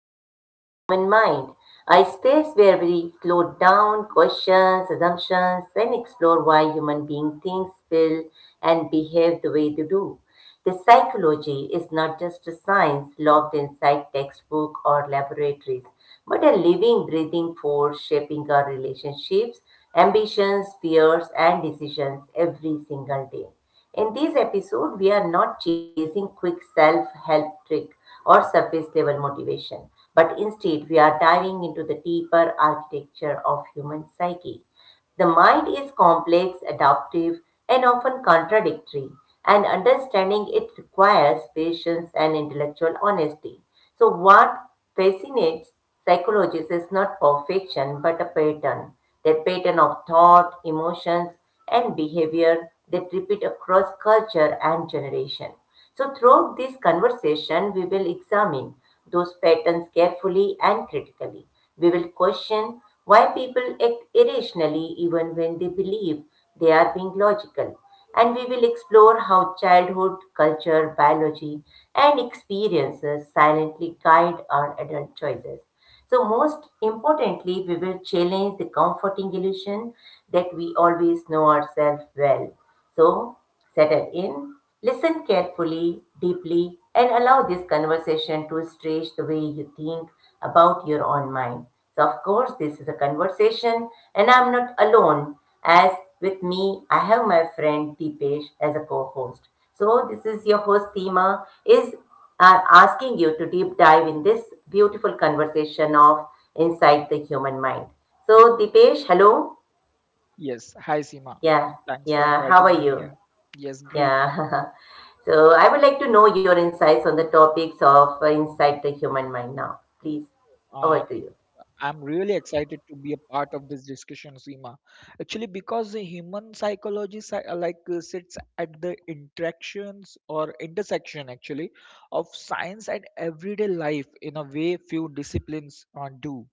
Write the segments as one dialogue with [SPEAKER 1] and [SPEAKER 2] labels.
[SPEAKER 1] to Inside the Human Mind, a space where we slow down questions, assumptions, and explore why human beings think, feel, and behave the way they do. The psychology is not just a science locked inside textbook or laboratories, but a living, breathing force shaping our relationships, ambitions, fears, and decisions every single day. In this episode, we are not chasing quick self help trick or surface level motivation, but instead we are diving into the deeper architecture of human psyche. The mind is complex, adaptive, and often contradictory, and understanding it requires patience and intellectual honesty. So, what fascinates psychologists is not perfection but a pattern, that pattern of thought, emotions, and behavior that repeat across culture and generation. So, throughout this conversation, we will examine those patterns carefully and critically. We will question why people act irrationally even when they believe they are being logical. And we will explore how childhood, culture, biology, and experiences silently guide our adult choices. So, most importantly, we will challenge the comforting illusion that we always know ourselves well. So, settle in, listen carefully, deeply, and allow this conversation to stretch the way you think about your own mind. So, of course, this is a conversation, and I'm not alone, as with me, I have my friend Deepesh as a co host. So, this is your host, Seema, is I'm asking you to deep dive in this beautiful conversation of inside the human mind. So, Dipesh, hello.
[SPEAKER 2] Yes, hi Seema.
[SPEAKER 1] Yeah,
[SPEAKER 2] Thanks for
[SPEAKER 1] yeah. How are
[SPEAKER 2] inviting me here.
[SPEAKER 1] you?
[SPEAKER 2] Yes, great.
[SPEAKER 1] Yeah. So, I would like to know your insights on the topics of inside the human mind now. Please,
[SPEAKER 2] Uh,
[SPEAKER 1] over to you.
[SPEAKER 2] I'm really excited to be a part of this discussion, Seema. Actually, because the human psychology sits at the interactions or intersection actually of science and everyday life in a way few disciplines do.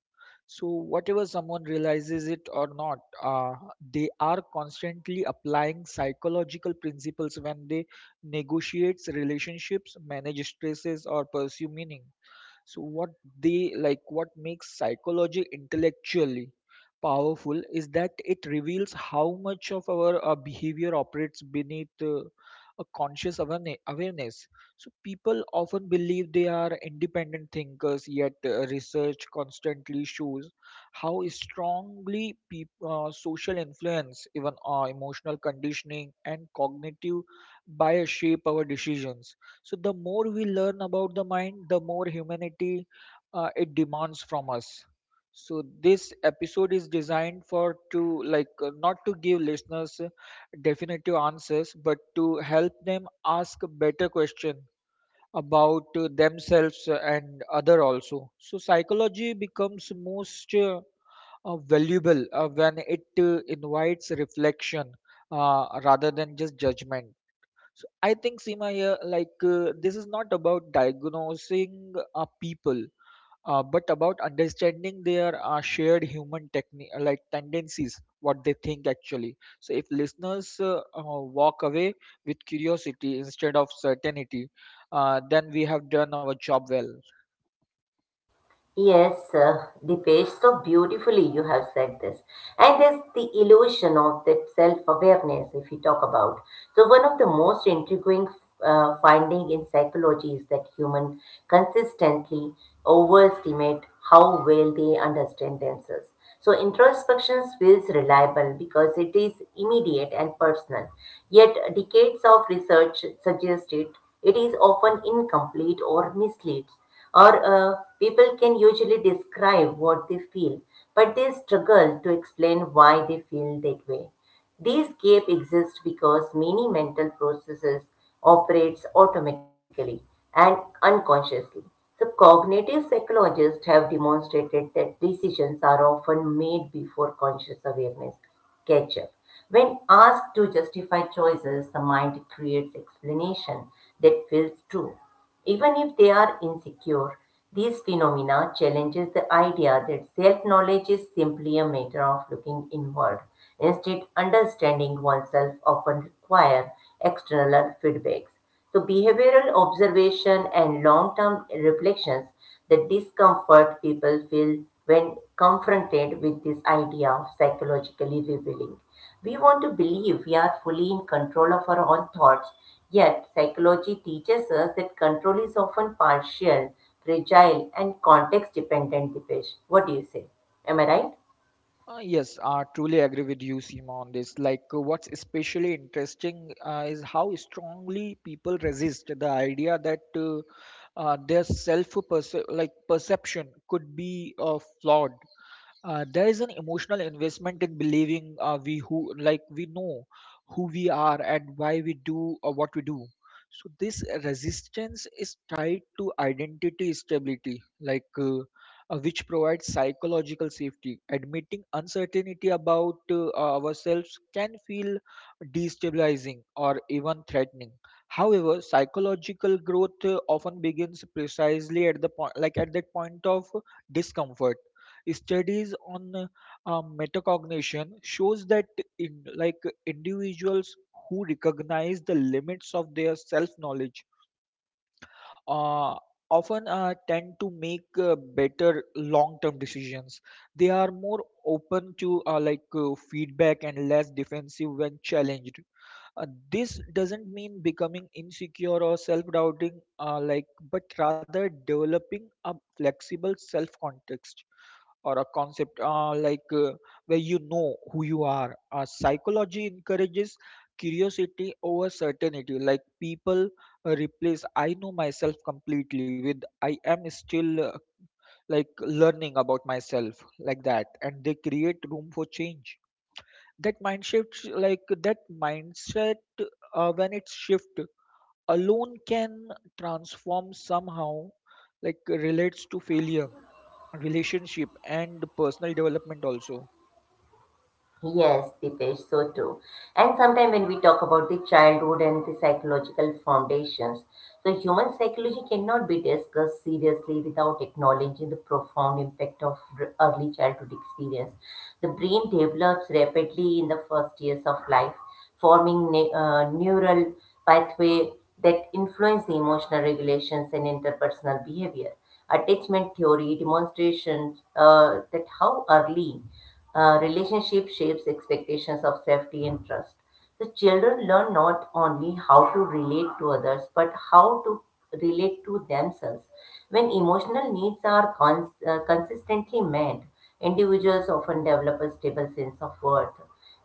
[SPEAKER 2] So, whatever someone realizes it or not, they are constantly applying psychological principles when they negotiate relationships, manage stresses, or pursue meaning. So what they like what makes psychology intellectually powerful is that it reveals how much of our behavior operates beneath a conscious awareness. So people often believe they are independent thinkers, yet research constantly shows how strongly social influence, even emotional conditioning, and cognitive bias shape our decisions. So the more we learn about the mind, the more humanity it demands from us. So this episode is designed for to like not to give listeners definitive answers, but to help them ask better question about themselves and other also. So psychology becomes most valuable when it invites reflection rather than just judgment. So I think Seema here, like, this is not about diagnosing people, but about understanding their shared human tendencies, what they think actually. So if listeners walk away with curiosity instead of certainty, then we have done our job well.
[SPEAKER 1] Yes, Dipesh, so beautifully you have said this. And there's the illusion of that self awareness, if you talk about. So, one of the most intriguing finding in psychology is that humans consistently overestimate how well they understand themselves. So introspection feels reliable because it is immediate and personal. Yet decades of research suggest it is often incomplete or misleads. Or people can usually describe what they feel, but they struggle to explain why they feel that way. These gaps exist because many mental processes operates automatically and unconsciously. So cognitive psychologists have demonstrated that decisions are often made before conscious awareness catch up. When asked to justify choices, the mind creates explanation that feels true. Even if they are insecure, these phenomena challenges the idea that self-knowledge is simply a matter of looking inward. Instead, understanding oneself often require external feedbacks. So behavioral observation and long-term reflections the discomfort people feel when confronted with this idea of psychologically revealing. We want to believe we are fully in control of our own thoughts, yet, psychology teaches us that control is often partial, fragile, and context dependent, Dipesh. What do you say? Am I right?
[SPEAKER 2] Yes, I truly agree with you, Seema, on this. Like, what's especially interesting is how strongly people resist the idea that their self perception could be flawed. There is an emotional investment in believing we know who we are and why we do or what we do. So this resistance is tied to identity stability, which provides psychological safety. Admitting uncertainty about ourselves can feel destabilizing or even threatening. However, psychological growth often begins precisely at the point like at that point of discomfort. Studies on metacognition shows that, in, like individuals who recognize the limits of their self-knowledge uh, often tend to make better long-term decisions. They are more open to feedback and less defensive when challenged. Uh, this doesn't mean becoming insecure or self-doubting, like, but rather developing a flexible self-context or a concept, like, where you know who you are. Psychology encourages curiosity over certainty. Like, people replace I know myself completely with I am still, like, learning about myself, like that, and they create room for change. That mind shift, like that mindset, when it shift alone can transform somehow, like relates to failure relationship and personal development also.
[SPEAKER 1] Yes, Deepesh, so too, and sometimes when we talk about the childhood and the psychological foundations, so human psychology cannot be discussed seriously without acknowledging the profound impact of early childhood experience. The brain develops rapidly in the first years of life, forming neural pathway that influence emotional regulations and interpersonal behavior attachment theory demonstrations that how early relationship shapes expectations of safety and trust. The children learn not only how to relate to others but how to relate to themselves. When emotional needs are consistently met, individuals often develop a stable sense of worth.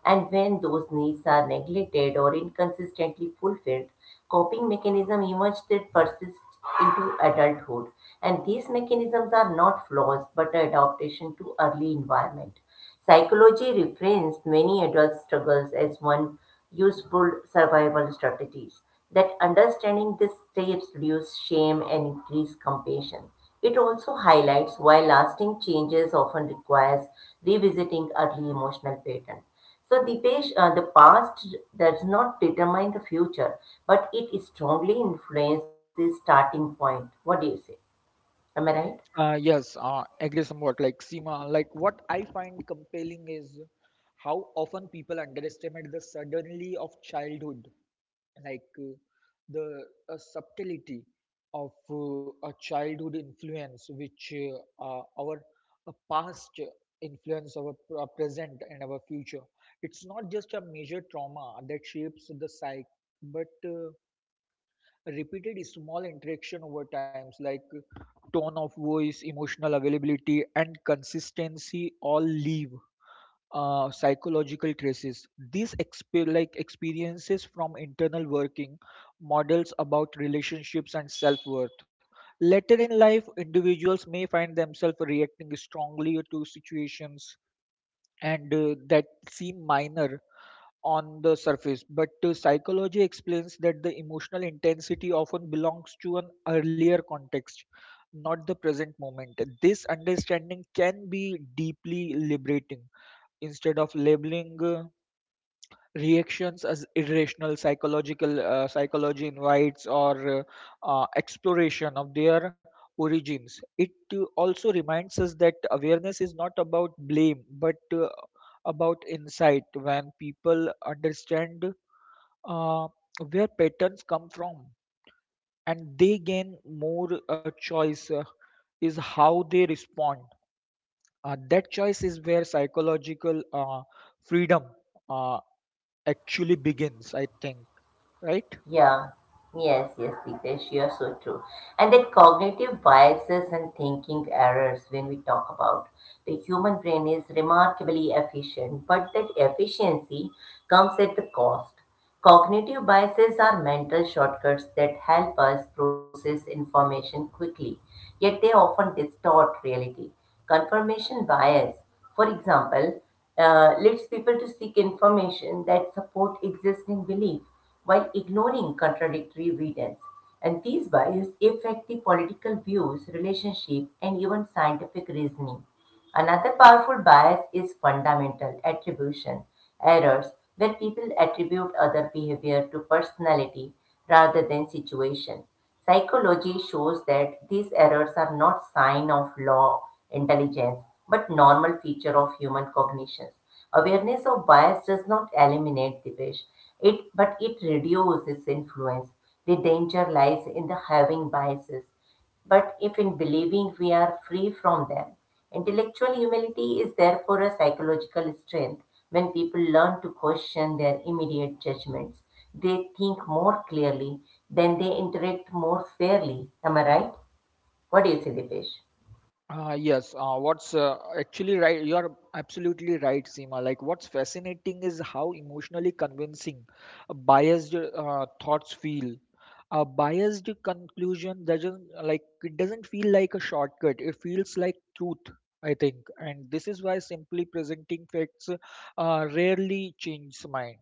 [SPEAKER 1] And when those needs are neglected or inconsistently fulfilled, coping mechanisms emerge that persist into adulthood. And these mechanisms are not flaws but an adaptation to early environment. Psychology reframes many adult struggles as one useful survival strategies. That understanding these steps reduces shame and increase compassion. It also highlights why lasting changes often requires revisiting early emotional patterns. So, Dipesh, the past does not determine the future, but it strongly influences the starting point. What do you say? Am I right?
[SPEAKER 2] Yes, agree somewhat, like, Seema. Like, what I find compelling is how often people underestimate the suddenly of childhood, like uh, the subtlety of a childhood influence, which our past influence our present and our future. It's not just a major trauma that shapes the psyche, but repeated small interaction over times, like tone of voice, emotional availability, and consistency all leave psychological traces. These experiences from internal working models about relationships and self-worth. Later in life, individuals may find themselves reacting strongly to situations and that seem minor on the surface, but psychology explains that the emotional intensity often belongs to an earlier context, not the present moment. This understanding can be deeply liberating. Instead of labeling reactions as irrational, psychological psychology invites or exploration of their origins. It also reminds us that awareness is not about blame, but about insight. When people understand uh, where patterns come from, and they gain more choice is how they respond, that choice is where psychological freedom uh, actually begins, I think. Right?
[SPEAKER 1] Yeah, yes, yes, Deepesh, you are so true. And that cognitive biases and thinking errors, when we talk about the human brain, is remarkably efficient, but that efficiency comes at the cost. Cognitive biases are mental shortcuts that help us process information quickly, yet they often distort reality. Confirmation bias, for example, leads people to seek information that support existing belief while ignoring contradictory evidence, and these biases affect the political views, relationship, and even scientific reasoning. Another powerful bias is fundamental attribution errors, where people attribute other behavior to personality rather than situation. Psychology shows that these errors are not sign of low intelligence but normal feature of human cognitions. Awareness of bias does not eliminate the wish, it but it reduces its influence. The danger lies in the having biases but if in believing we are free from them, intellectual humility is therefore a psychological strength. When people learn to question their immediate judgments, they think more clearly, then they interact more fairly. Am I right? What do you say, Dipesh?
[SPEAKER 2] Yes, you are absolutely right, Seema. Like, what's fascinating is how emotionally convincing biased thoughts feel. A biased conclusion doesn't feel like a shortcut. It feels like truth, I think, and this is why simply presenting facts rarely changes mind.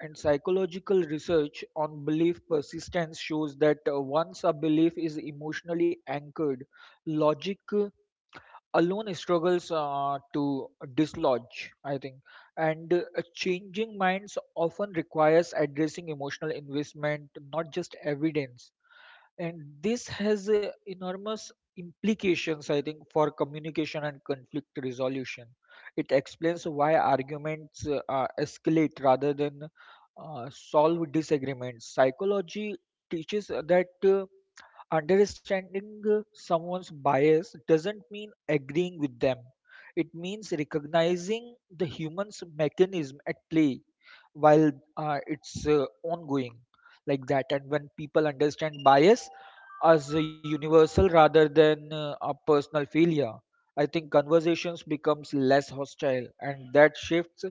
[SPEAKER 2] And psychological research on belief persistence shows that once a belief is emotionally anchored, logic alone struggles to dislodge, I think. And changing minds often requires addressing emotional investment, not just evidence. And this has enormous implications, I think, for communication and conflict resolution. It explains why arguments escalate rather than solve disagreements. Psychology teaches that. Understanding someone's bias doesn't mean agreeing with them. It means recognizing the human's mechanism at play while, it's ongoing, like that. And when people understand bias as a universal rather than a personal failure, I think conversations becomes less hostile, and that shifts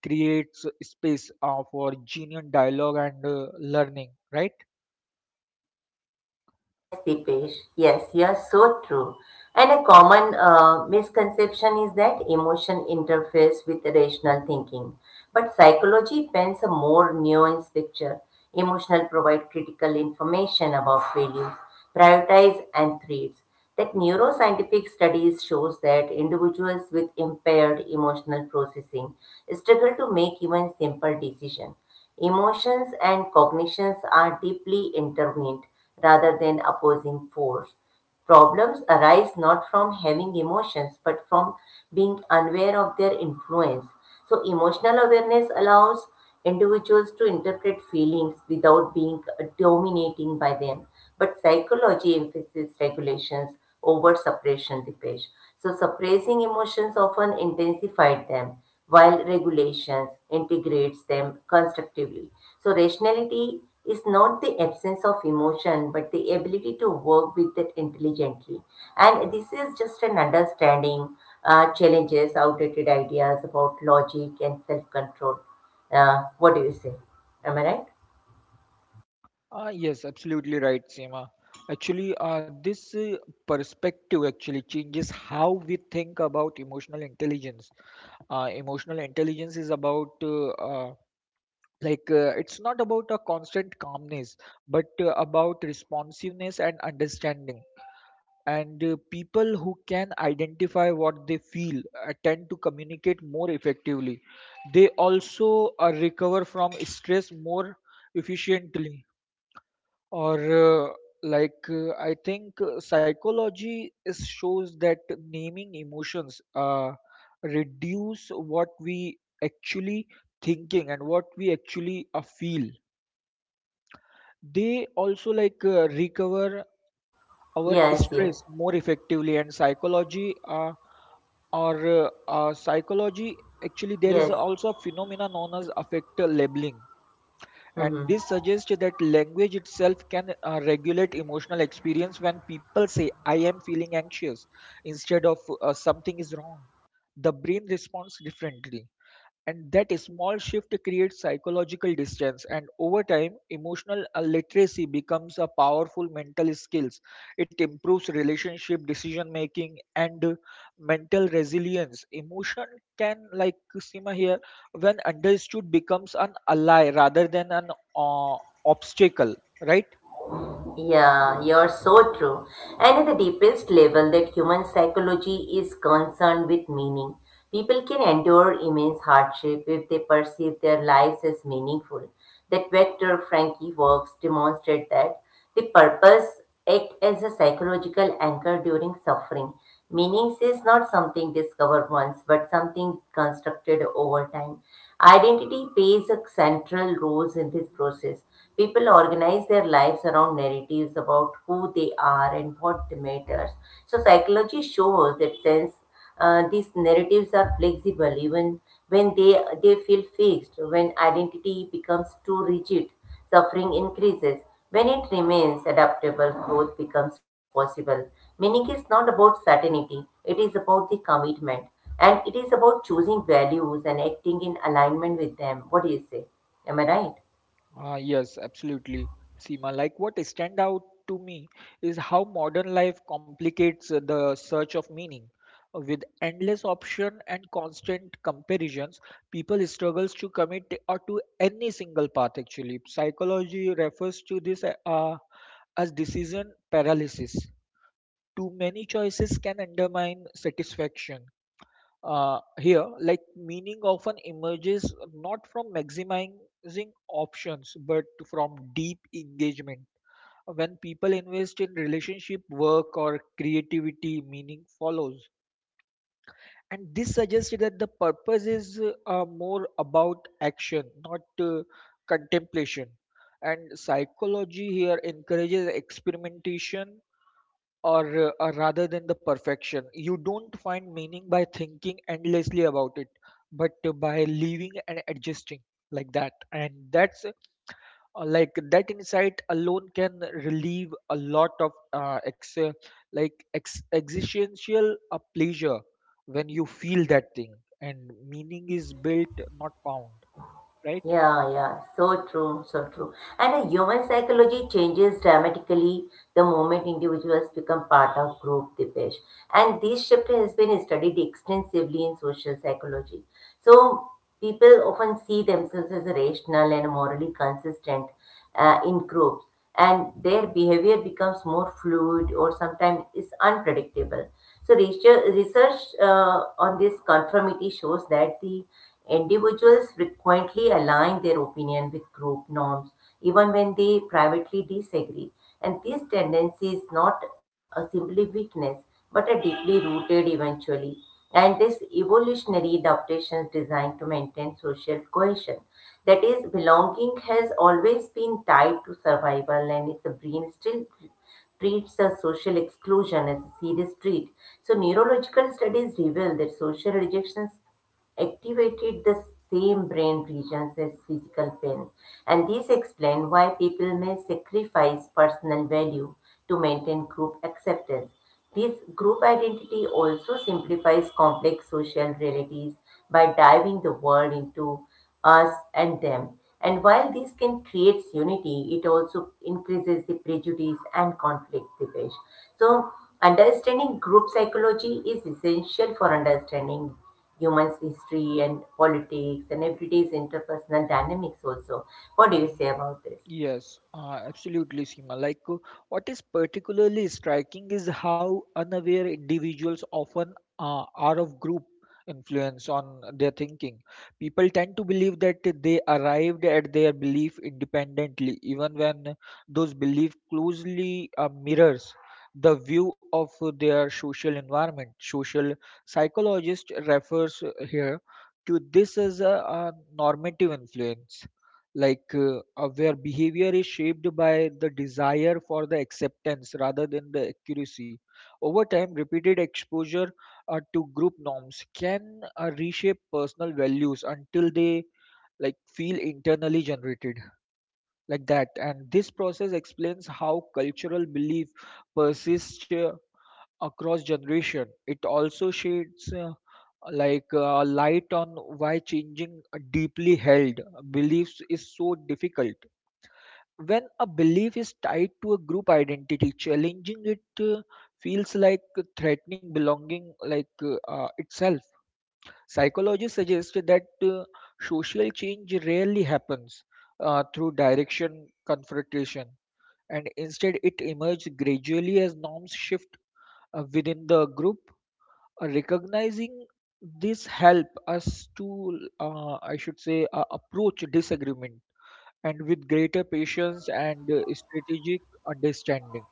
[SPEAKER 2] creates space for genuine dialogue and learning. Right?
[SPEAKER 1] Yes, Dipesh. Yes, you're so true. And a common misconception is that emotion interferes with rational thinking. But psychology paints a more nuanced picture. Emotional provide critical information about values, prioritize and threats. That neuroscientific studies shows that individuals with impaired emotional processing struggle to make even simple decisions. Emotions and cognitions are deeply intertwined rather than opposing force. Problems arise not from having emotions, but from being unaware of their influence. So, emotional awareness allows individuals to interpret feelings without being dominating by them. But psychology emphasizes regulations over suppression, Dipesh. So, suppressing emotions often intensified them, while regulations integrates them constructively. So, rationality is not the absence of emotion, but the ability to work with it intelligently. And this is just an understanding challenges, outdated ideas about logic and self control. What do you say? Am I right?
[SPEAKER 2] Yes, absolutely right, Seema. Actually, this perspective actually changes how we think about emotional intelligence. Emotional intelligence is about, like, it's not about a constant calmness, but about responsiveness and understanding. And people who can identify what they feel tend to communicate more effectively. They also recover from stress more efficiently. Or, uh, like, I think psychology is shows that naming emotions reduce what we actually thinking and what we actually feel. They also, like, recover our
[SPEAKER 1] Yes, yes,
[SPEAKER 2] stress more effectively, and psychology actually. There is
[SPEAKER 1] yes.
[SPEAKER 2] also a phenomenon known as affect labeling, and
[SPEAKER 1] Hmm.
[SPEAKER 2] this suggests that language itself can regulate emotional experience. When people say I am feeling anxious instead of something is wrong, the brain responds differently, and that small shift creates psychological distance, and over time, emotional literacy becomes a powerful mental skill. It improves relationship, decision making, and mental resilience. Emotion can, like Sima here, when understood, becomes an ally rather than an uh, obstacle, right?
[SPEAKER 1] Yeah, you're so true. And at the deepest level that human psychology is concerned with meaning, people can endure immense hardship if they perceive their lives as meaningful. That vector Frankie works demonstrate that the purpose act as a psychological anchor during suffering. Meaning is not something discovered once, but something constructed over time. Identity plays a central role in this process. People organize their lives around narratives about who they are and what matters. So psychology shows that since these narratives are flexible, even when they feel fixed, when identity becomes too rigid, suffering increases. When it remains adaptable, growth becomes possible. Meaning is not about certainty; it is about the commitment. And it is about choosing values and acting in alignment with them. What do you say? Am I right?
[SPEAKER 2] Yes, absolutely. Seema, like, what stand out to me is how modern life complicates the search of meaning. With endless option and constant comparisons, people struggles to commit or to any single path actually. Psychology refers to this as decision paralysis. Too many choices can undermine satisfaction. Here, like, meaning often emerges not from maximizing options but from deep engagement. When people invest in relationship, work, or creativity, meaning follows. And this suggests that the purpose is more about action, not contemplation. And psychology here encourages experimentation, or rather than the perfection. You don't find meaning by thinking endlessly about it, but by living and adjusting, like that. And that's, like, that insight alone can relieve a lot of existential pleasure when you feel that thing. And meaning is built, not found, right?
[SPEAKER 1] Yeah, yeah, so true, so true. And the human psychology changes dramatically the moment individuals become part of group, Dipesh. And this shift has been studied extensively in social psychology. So people often see themselves as rational and morally consistent, in groups and their behavior becomes more fluid or sometimes is unpredictable. So research on this conformity shows that the individuals frequently align their opinion with group norms even when they privately disagree. And this tendency is not a simply weakness but a deeply rooted eventually. And this evolutionary adaptation is designed to maintain social cohesion. That is, belonging has always been tied to survival, and its brain still treats a social exclusion as a serious threat. So, neurological studies reveal that social rejections activated the same brain regions as physical pain, and these explain why people may sacrifice personal value to maintain group acceptance. This group identity also simplifies complex social realities by diving the world into us and them. And while this can create unity, it also increases the prejudice and conflict, Dipesh. So, understanding group psychology is essential for understanding humans' history and politics and everyday's interpersonal dynamics also. What do you say about this?
[SPEAKER 2] Yes, absolutely, Seema. Like, what is particularly striking is how unaware individuals often are of group influence on their thinking. People tend to believe that they arrived at their belief independently, even when those beliefs closely mirrors the view of their social environment. Social psychologist refers here to this as a normative influence, where behavior is shaped by the desire for the acceptance rather than the accuracy. Over time, repeated exposure to group norms can reshape personal values until they like feel internally generated, like that. And this process explains how cultural belief persists across generation. It also sheds, like, light on why changing deeply held beliefs is so difficult. When a belief is tied to a group identity, challenging it feels like threatening belonging, itself. Psychologists suggest that social change rarely happens through direction confrontation, and instead it emerges gradually as norms shift within the group. Recognizing this help us to, I should say, approach disagreement and with greater patience and strategic understanding.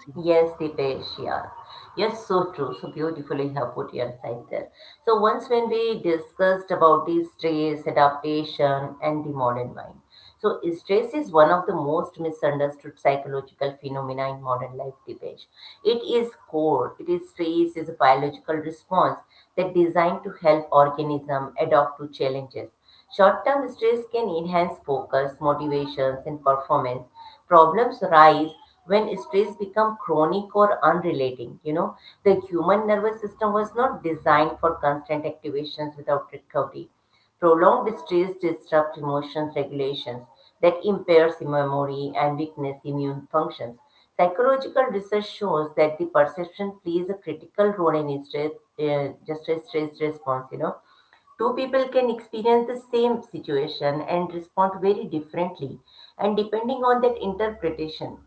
[SPEAKER 2] Seema.
[SPEAKER 1] Yes, Dipesh, yeah. Yes, so true. So beautifully you have put your side there. So once when we discussed about the stress, adaptation, and the modern mind. So stress is one of the most misunderstood psychological phenomena in modern life, Dipesh. It is core. It is stress is a biological response that designed to help organism adapt to challenges. Short-term stress can enhance focus, motivations, and performance. Problems rise when stress become chronic or unrelating. You know, the human nervous system was not designed for constant activations without recovery. Prolonged stress disrupts emotions regulations that impairs memory and weakness immune functions. Psychological research shows that the perception plays a critical role in stress, just a stress response. You know, two people can experience the same situation and respond very differently, and depending on that interpretation.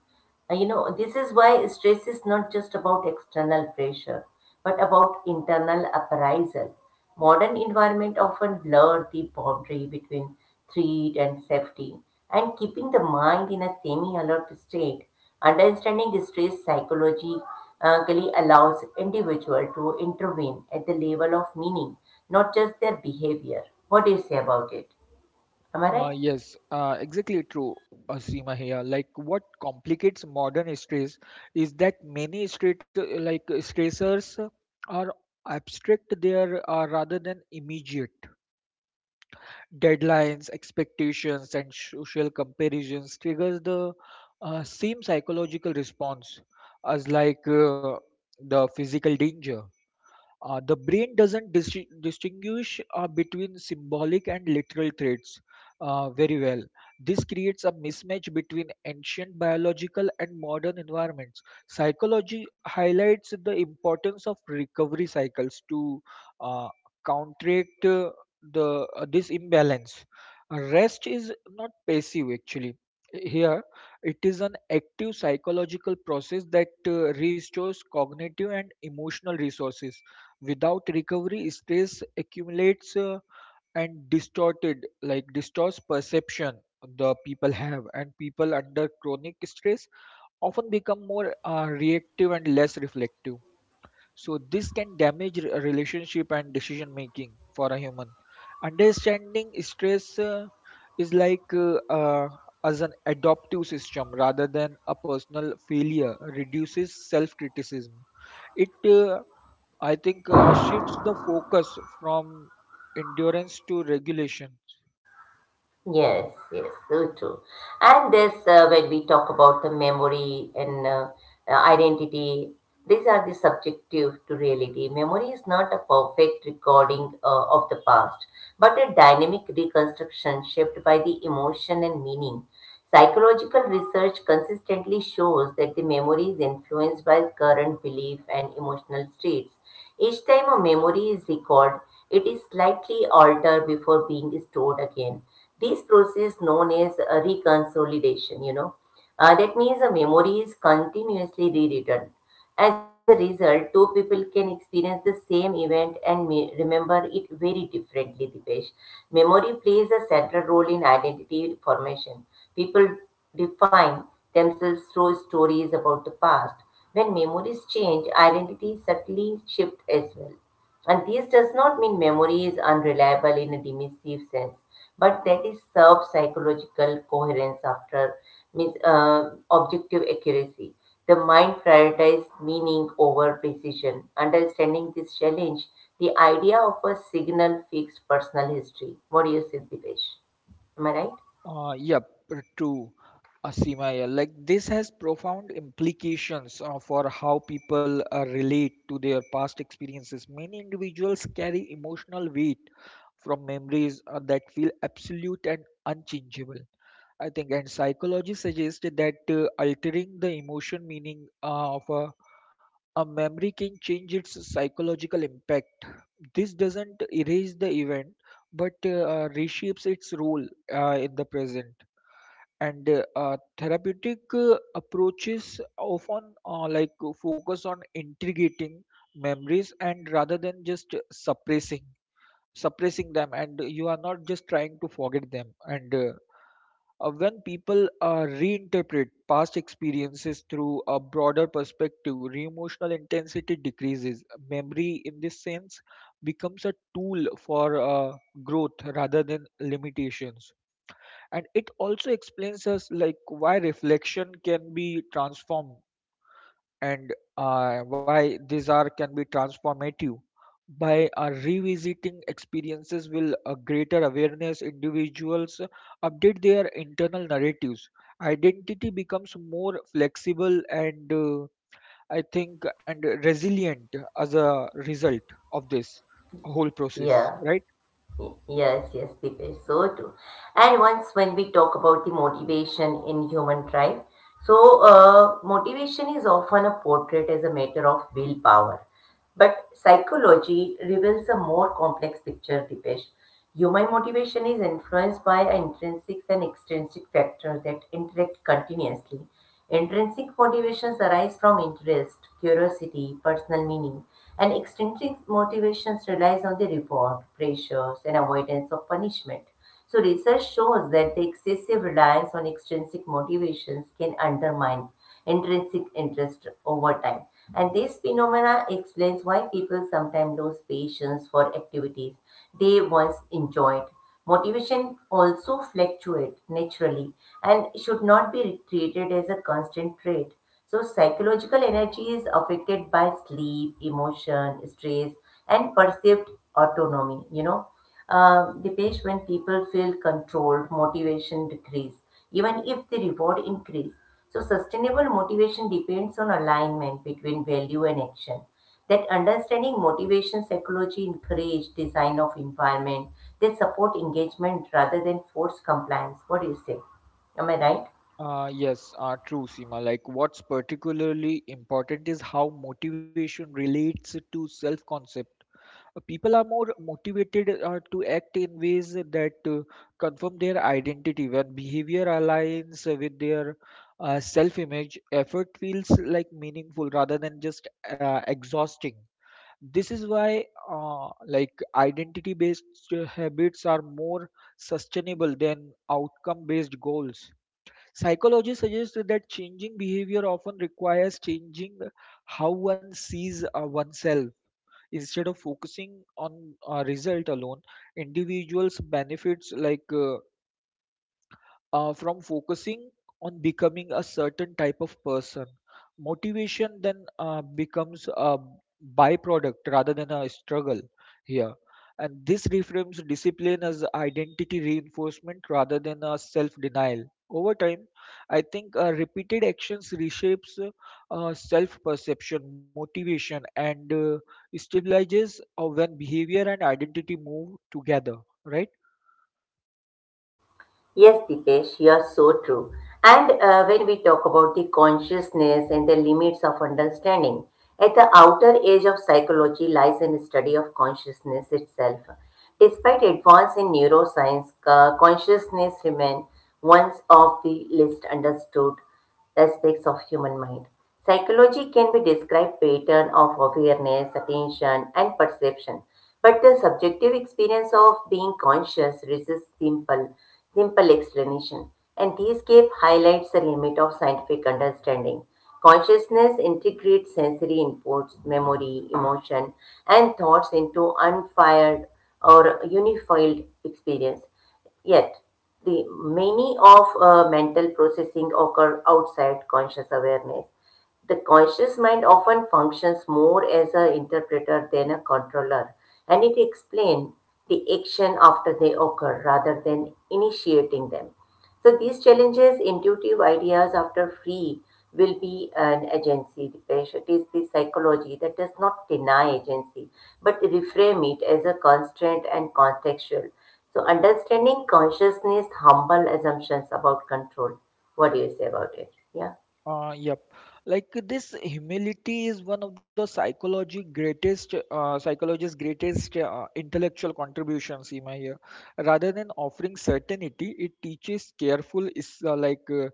[SPEAKER 1] You know, this is why stress is not just about external pressure, but about internal appraisal. Modern environment often blur the boundary between threat and safety, and keeping the mind in a semi-alert state. Understanding the stress psychology really allows individual to intervene at the level of meaning not just their behavior. What do you say about it? Am I right?
[SPEAKER 2] Yes, exactly true, Seema here. Like, what complicates modern stress is that many stressors are abstract there, rather than immediate. Deadlines, expectations, and social comparisons triggers the same psychological response as, the physical danger. The brain doesn't distinguish between symbolic and literal threats very well. This creates a mismatch between ancient biological and modern environments. Psychology highlights the importance of recovery cycles to uh, counteract the this imbalance. Rest is not passive actually. Here, it is an active psychological process that restores cognitive and emotional resources. Without recovery, stress accumulates, and distorted, like distorts perception the people have, and people under chronic stress often become more reactive and less reflective. So this can damage relationship and decision making for a human. Understanding stress is like as an adaptive system rather than a personal failure. Reduces self criticism. It I think shifts the focus from endurance to regulation.
[SPEAKER 1] Yes, yes, so true. And this, when we talk about the memory and identity, these are the subjective to reality. Memory is not a perfect recording of the past, but a dynamic reconstruction shaped by the emotion and meaning. Psychological research consistently shows that the memory is influenced by current belief and emotional states. Each time a memory is recalled, it is slightly altered before being stored again. This process known as reconsolidation, That means the memory is continuously rewritten. As a result, two people can experience the same event and may remember it very differently, Dipesh. Memory plays a central role in identity formation. People define themselves through stories about the past. When memories change, identities subtly shift as well. And this does not mean memory is unreliable in a dismissive sense but that is serves psychological coherence after means objective accuracy. The mind prioritizes meaning over precision. Understanding this challenge, the idea of a signal fixed personal history. What do you say, Dipesh? Am I right?
[SPEAKER 2] Yep, true, Asima. Yeah. Like this has profound implications for how people relate to their past experiences. Many individuals carry emotional weight from memories that feel absolute and unchangeable. I think, and psychology suggests that altering the emotion meaning of a memory can change its psychological impact. This doesn't erase the event, but reshapes its role in the present. And therapeutic approaches often like focus on integrating memories and rather than just suppressing them, and you are not just trying to forget them. And when people reinterpret past experiences through a broader perspective, re-emotional intensity decreases. Memory, in this sense, becomes a tool for growth rather than limitations. And it also explains us like why reflection can be transformed and why these are can be transformative by revisiting experiences will a greater awareness, individuals update their internal narratives. Identity becomes more flexible and, I think, and resilient as a result of this whole process,
[SPEAKER 1] Yeah.
[SPEAKER 2] right?
[SPEAKER 1] Yes, yes, it is so too, and once when we talk about the motivation in human drive, so motivation is often a portrait as a matter of willpower. But psychology reveals a more complex picture, Dipesh. Human motivation is influenced by intrinsic and extrinsic factors that interact continuously. Intrinsic motivations arise from interest, curiosity, personal meaning, and extrinsic motivations relies on the reward, pressures, and avoidance of punishment. So research shows that the excessive reliance on extrinsic motivations can undermine intrinsic interest over time. And this phenomena explains why people sometimes lose patience for activities they once enjoyed. Motivation also fluctuates naturally and should not be treated as a constant trait. So psychological energy is affected by sleep, emotion, stress, and perceived autonomy. You know, Dipesh, when people feel controlled, motivation decrease, even if the reward increase. So sustainable motivation depends on alignment between value and action that understanding motivation psychology encourage design of environment that support engagement rather than force compliance. What do you say? Am I right?
[SPEAKER 2] Yes, true, Seema. Like, what's particularly important is how motivation relates to self concept. People are more motivated to act in ways that confirm their identity. When behavior aligns with their self-image, effort feels like meaningful rather than just exhausting. This is why like identity based habits are more sustainable than outcome based goals. Psychology suggests that changing behavior often requires changing how one sees oneself instead of focusing on a result alone. Individuals benefits like from focusing on becoming a certain type of person. Motivation then becomes a byproduct rather than a struggle here. And this reframes discipline as identity reinforcement rather than a self denial. Over time, I think repeated actions reshapes self perception, motivation, and stabilizes when behavior and identity move together, right?
[SPEAKER 1] Yes, Dipesh, you are so true. And when we talk about the consciousness and the limits of understanding, at the outer edge of psychology lies in the study of consciousness itself. Despite advance in neuroscience, consciousness remains one of the least understood aspects of human mind. Psychology can be described pattern of awareness, attention, and perception. But the subjective experience of being conscious resists simple explanation. And this gap highlights the limit of scientific understanding. Consciousness integrates sensory inputs, memory, emotion, and thoughts into unfired or unified experience. Yet, the many of mental processing occur outside conscious awareness. The conscious mind often functions more as an interpreter than a controller, and it explains the action after they occur rather than initiating them. So these challenges, intuitive ideas after free will be an agency, Dipesh. It is the psychology that does not deny agency, but reframe it as a constant and contextual. So understanding consciousness humble assumptions about control. What do you say about it? Yeah.
[SPEAKER 2] Yep. Like this humility is one of the psychology greatest psychologist's greatest intellectual contributions, in my here. Rather than offering certainty, it teaches careful is like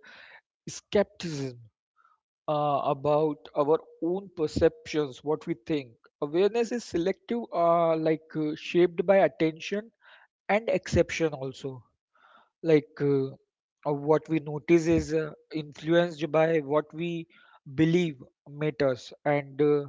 [SPEAKER 2] skepticism about our own perceptions, what we think. Awareness is selective, shaped by attention and exception also, like what we notice is influenced by what we believe matters. And uh,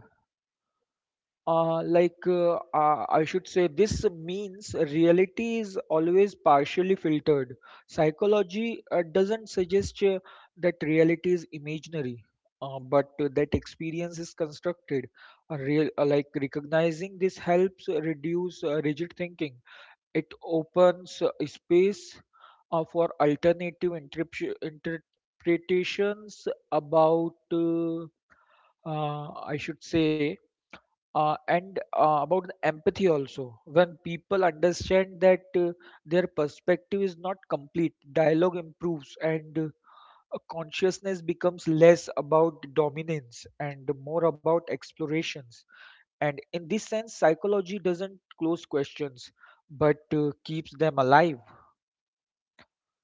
[SPEAKER 2] uh, like uh, uh, I should say, this means reality is always partially filtered. Psychology doesn't suggest that reality is imaginary, but that experience is constructed. A real, like recognizing this helps reduce rigid thinking. It opens space for alternative interpretations about I should say, and about the empathy also. When people understand that their perspective is not complete, dialogue improves, and a consciousness becomes less about dominance and more about explorations. And in this sense, psychology doesn't close questions but keeps them alive.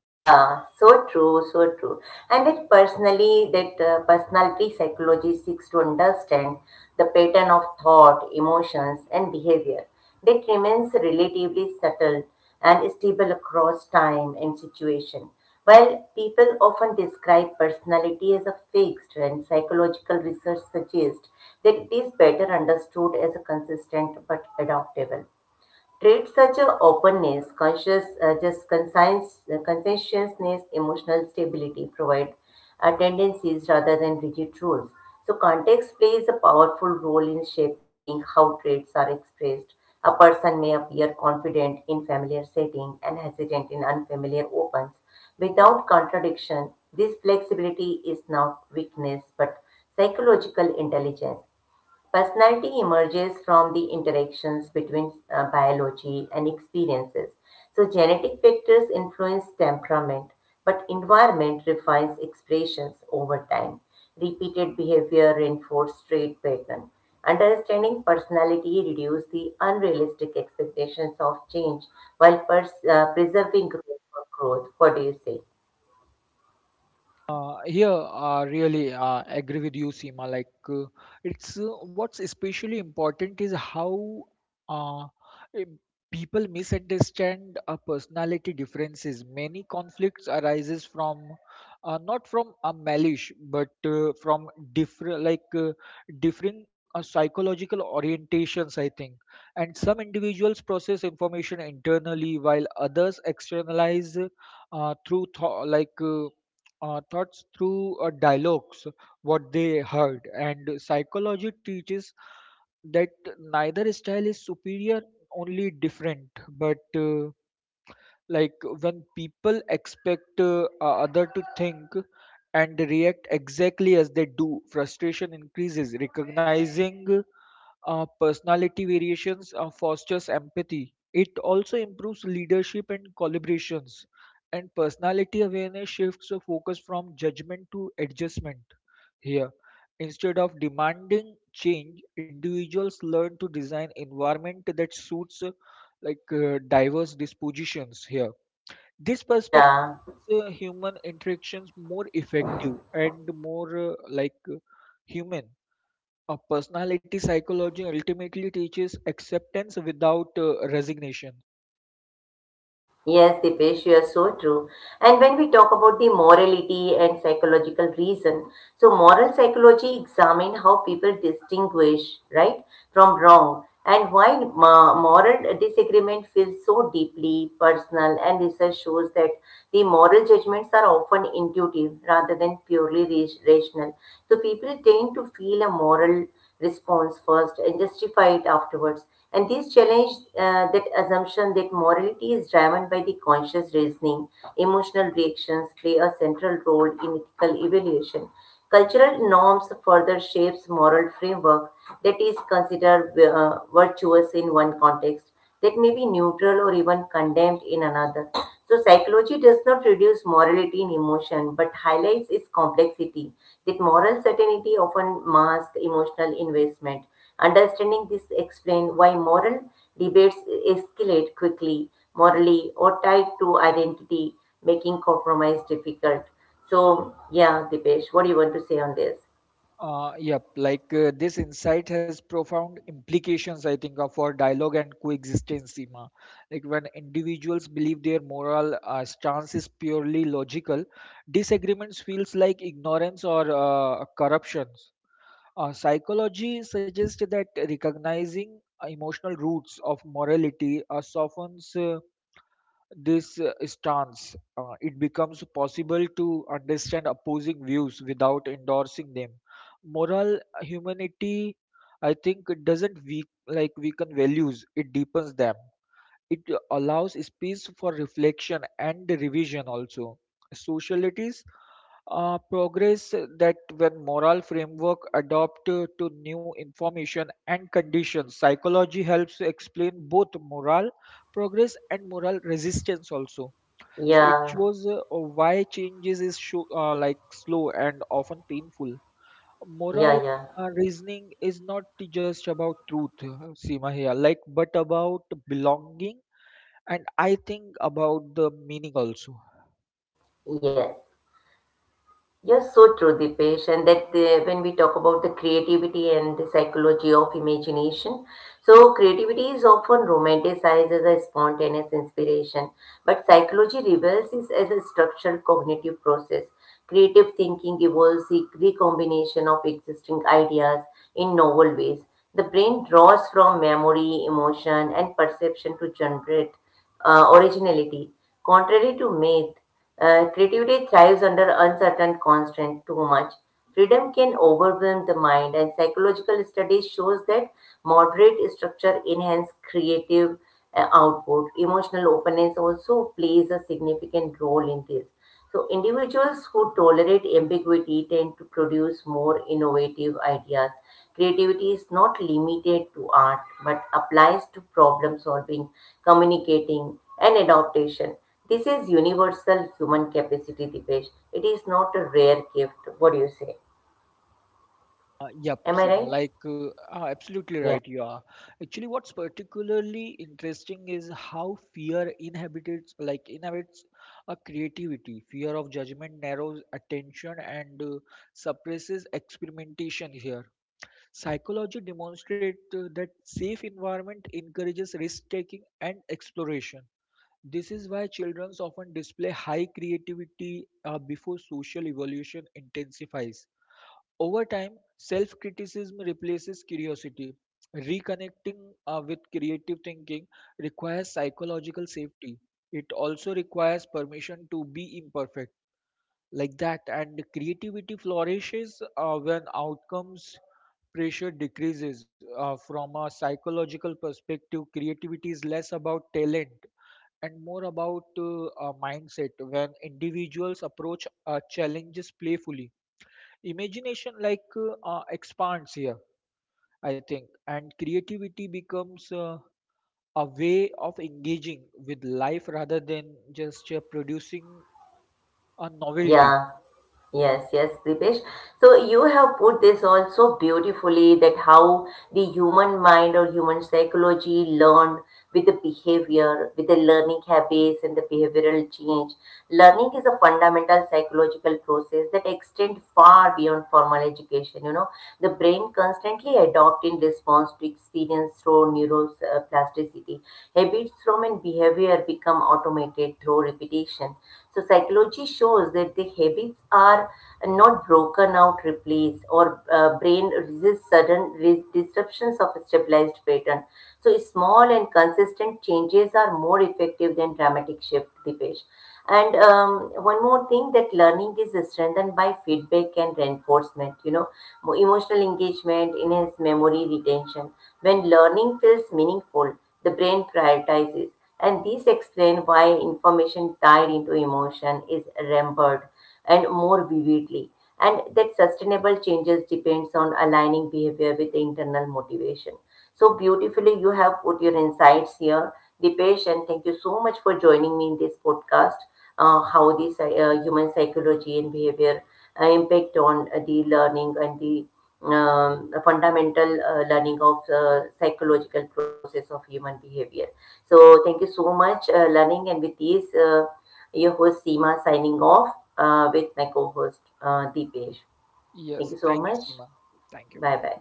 [SPEAKER 1] Yeah, so true, so true. And that personally, that personality psychology seeks to understand the pattern of thought, emotions, and behavior that remains relatively subtle and stable across time and situation. While people often describe personality as a fixed, and psychological research suggests that it is better understood as a consistent but adaptable. Traits such as openness, conscientiousness, emotional stability provide tendencies rather than rigid rules. So context plays a powerful role in shaping how traits are expressed. A person may appear confident in familiar setting and hesitant in unfamiliar opens. Without contradiction, this flexibility is not weakness but psychological intelligence. Personality emerges from the interactions between biology and experiences. So, genetic factors influence temperament, but environment refines expressions over time. Repeated behavior reinforces trait pattern. Understanding personality reduces the unrealistic expectations of change while preserving growth for growth. What do you say?
[SPEAKER 2] Here, I really agree with you, Seema. Like, it's what's especially important is how uh, eh, people misunderstand personality differences. Many conflicts arises from not from a malice, but from different, like differing psychological orientations. I think, and some individuals process information internally, while others externalize through thought, like thoughts through dialogues, what they heard. And psychology teaches that neither style is superior, only different. But like when people expect other to think and react exactly as they do, frustration increases. Recognizing personality variations fosters empathy. It also improves leadership and collaborations. And personality awareness shifts the focus from judgment to adjustment here. Instead of demanding change, individuals learn to design environment that suits diverse dispositions here. This perspective
[SPEAKER 1] Yeah.
[SPEAKER 2] makes human interactions more effective and more human. A personality psychology ultimately teaches acceptance without resignation.
[SPEAKER 1] Yes, Dipesh, you are so true. And when we talk about the morality and psychological reason, so moral psychology examine how people distinguish right from wrong and why moral disagreement feels so deeply personal. And research shows that the moral judgments are often intuitive rather than purely rational. So people tend to feel a moral response first and justify it afterwards. And these challenge that assumption that morality is driven by the conscious reasoning. Emotional reactions play a central role in ethical evaluation. Cultural norms further shapes moral framework that is considered virtuous in one context that may be neutral or even condemned in another. So, psychology does not reduce morality in emotion but highlights its complexity, that moral certainty often masks emotional investment. Understanding this explains why moral debates escalate quickly, morally, or tied to identity, making compromise difficult. So, yeah, Dipesh, what do you want to say on this?
[SPEAKER 2] Yep, like this insight has profound implications, I think, of our dialogue and coexistence, Seema. Like when individuals believe their moral stance is purely logical, disagreements feels like ignorance or corruptions. Psychology suggests that recognizing emotional roots of morality softens this stance. It becomes possible to understand opposing views without endorsing them. Moral humanity, I think, it doesn't weaken values; it deepens them. It allows space for reflection and revision also. Socialities progress that when moral framework adopt to new information and conditions. Psychology helps explain both moral progress and moral resistance also, so it
[SPEAKER 1] Yeah,
[SPEAKER 2] shows why changes is show, like slow and often painful. Moral
[SPEAKER 1] yeah, yeah,
[SPEAKER 2] reasoning is not just about truth, Seema here, like, but about belonging and I think about the meaning also.
[SPEAKER 1] yes. You're so true, Dipesh, and that the, when we talk about the creativity and the psychology of imagination, so creativity is often romanticized as a spontaneous inspiration, but psychology reveals it as a structural cognitive process. Creative thinking evolves the recombination of existing ideas in novel ways. The brain draws from memory, emotion, and perception to generate originality. Contrary to myth, creativity thrives under uncertain constant too much. Freedom can overwhelm the mind, and psychological studies shows that moderate structure enhance creative output. Emotional openness also plays a significant role in this. So, individuals who tolerate ambiguity tend to produce more innovative ideas. Creativity is not limited to art but applies to problem solving, communicating, and adaptation. This is universal human capacity, Dipesh. It is not a rare gift. What do you say?
[SPEAKER 2] Yep,
[SPEAKER 1] Am I
[SPEAKER 2] Seema,
[SPEAKER 1] right?
[SPEAKER 2] absolutely
[SPEAKER 1] Yeah.
[SPEAKER 2] right. You are actually, what's particularly interesting is how fear inhibits, like inhibits a creativity. Fear of judgment narrows attention and suppresses experimentation. Here, psychology demonstrates that safe environment encourages risk taking and exploration. This is why children often display high creativity before social evolution intensifies. Over time, self criticism replaces curiosity. Reconnecting with creative thinking requires psychological safety. It also requires permission to be imperfect, like that, and creativity flourishes when outcomes pressure decreases. From a psychological perspective, creativity is less about talent and more about a mindset. When individuals approach challenges playfully, imagination expands here, I think, and creativity becomes a way of engaging with life rather than just producing a novelty.
[SPEAKER 1] Yeah. Yes, yes, Dipesh. So you have put this also beautifully that how the human mind or human psychology learned with the behavior, with the learning habits and the behavioral change. Learning is a fundamental psychological process that extends far beyond formal education. You know, the brain constantly adopts in response to experience through neuroplasticity. Habits from and behavior that become automated through repetition. So psychology shows that the habits are not broken out, replaced, or brain resists sudden disruptions of a stabilized pattern. So small and consistent changes are more effective than dramatic shift, Dipesh. And one more thing that learning is strengthened by feedback and reinforcement. You know, emotional engagement enhances memory retention. When learning feels meaningful, the brain prioritizes. And these explain why information tied into emotion is remembered and more vividly, and that sustainable changes depends on aligning behavior with the internal motivation. So beautifully, you have put your insights here, Dipesh, and thank you so much for joining me in this podcast. How this human psychology and behavior impact on the learning and the fundamental learning of psychological process of human behavior. So thank you so much, Learning. And with these, your host Seema signing off with my co-host Deepesh. Thank
[SPEAKER 2] Yes,
[SPEAKER 1] you so
[SPEAKER 2] thank you,
[SPEAKER 1] much.
[SPEAKER 2] Sima. Thank you.
[SPEAKER 1] Bye bye.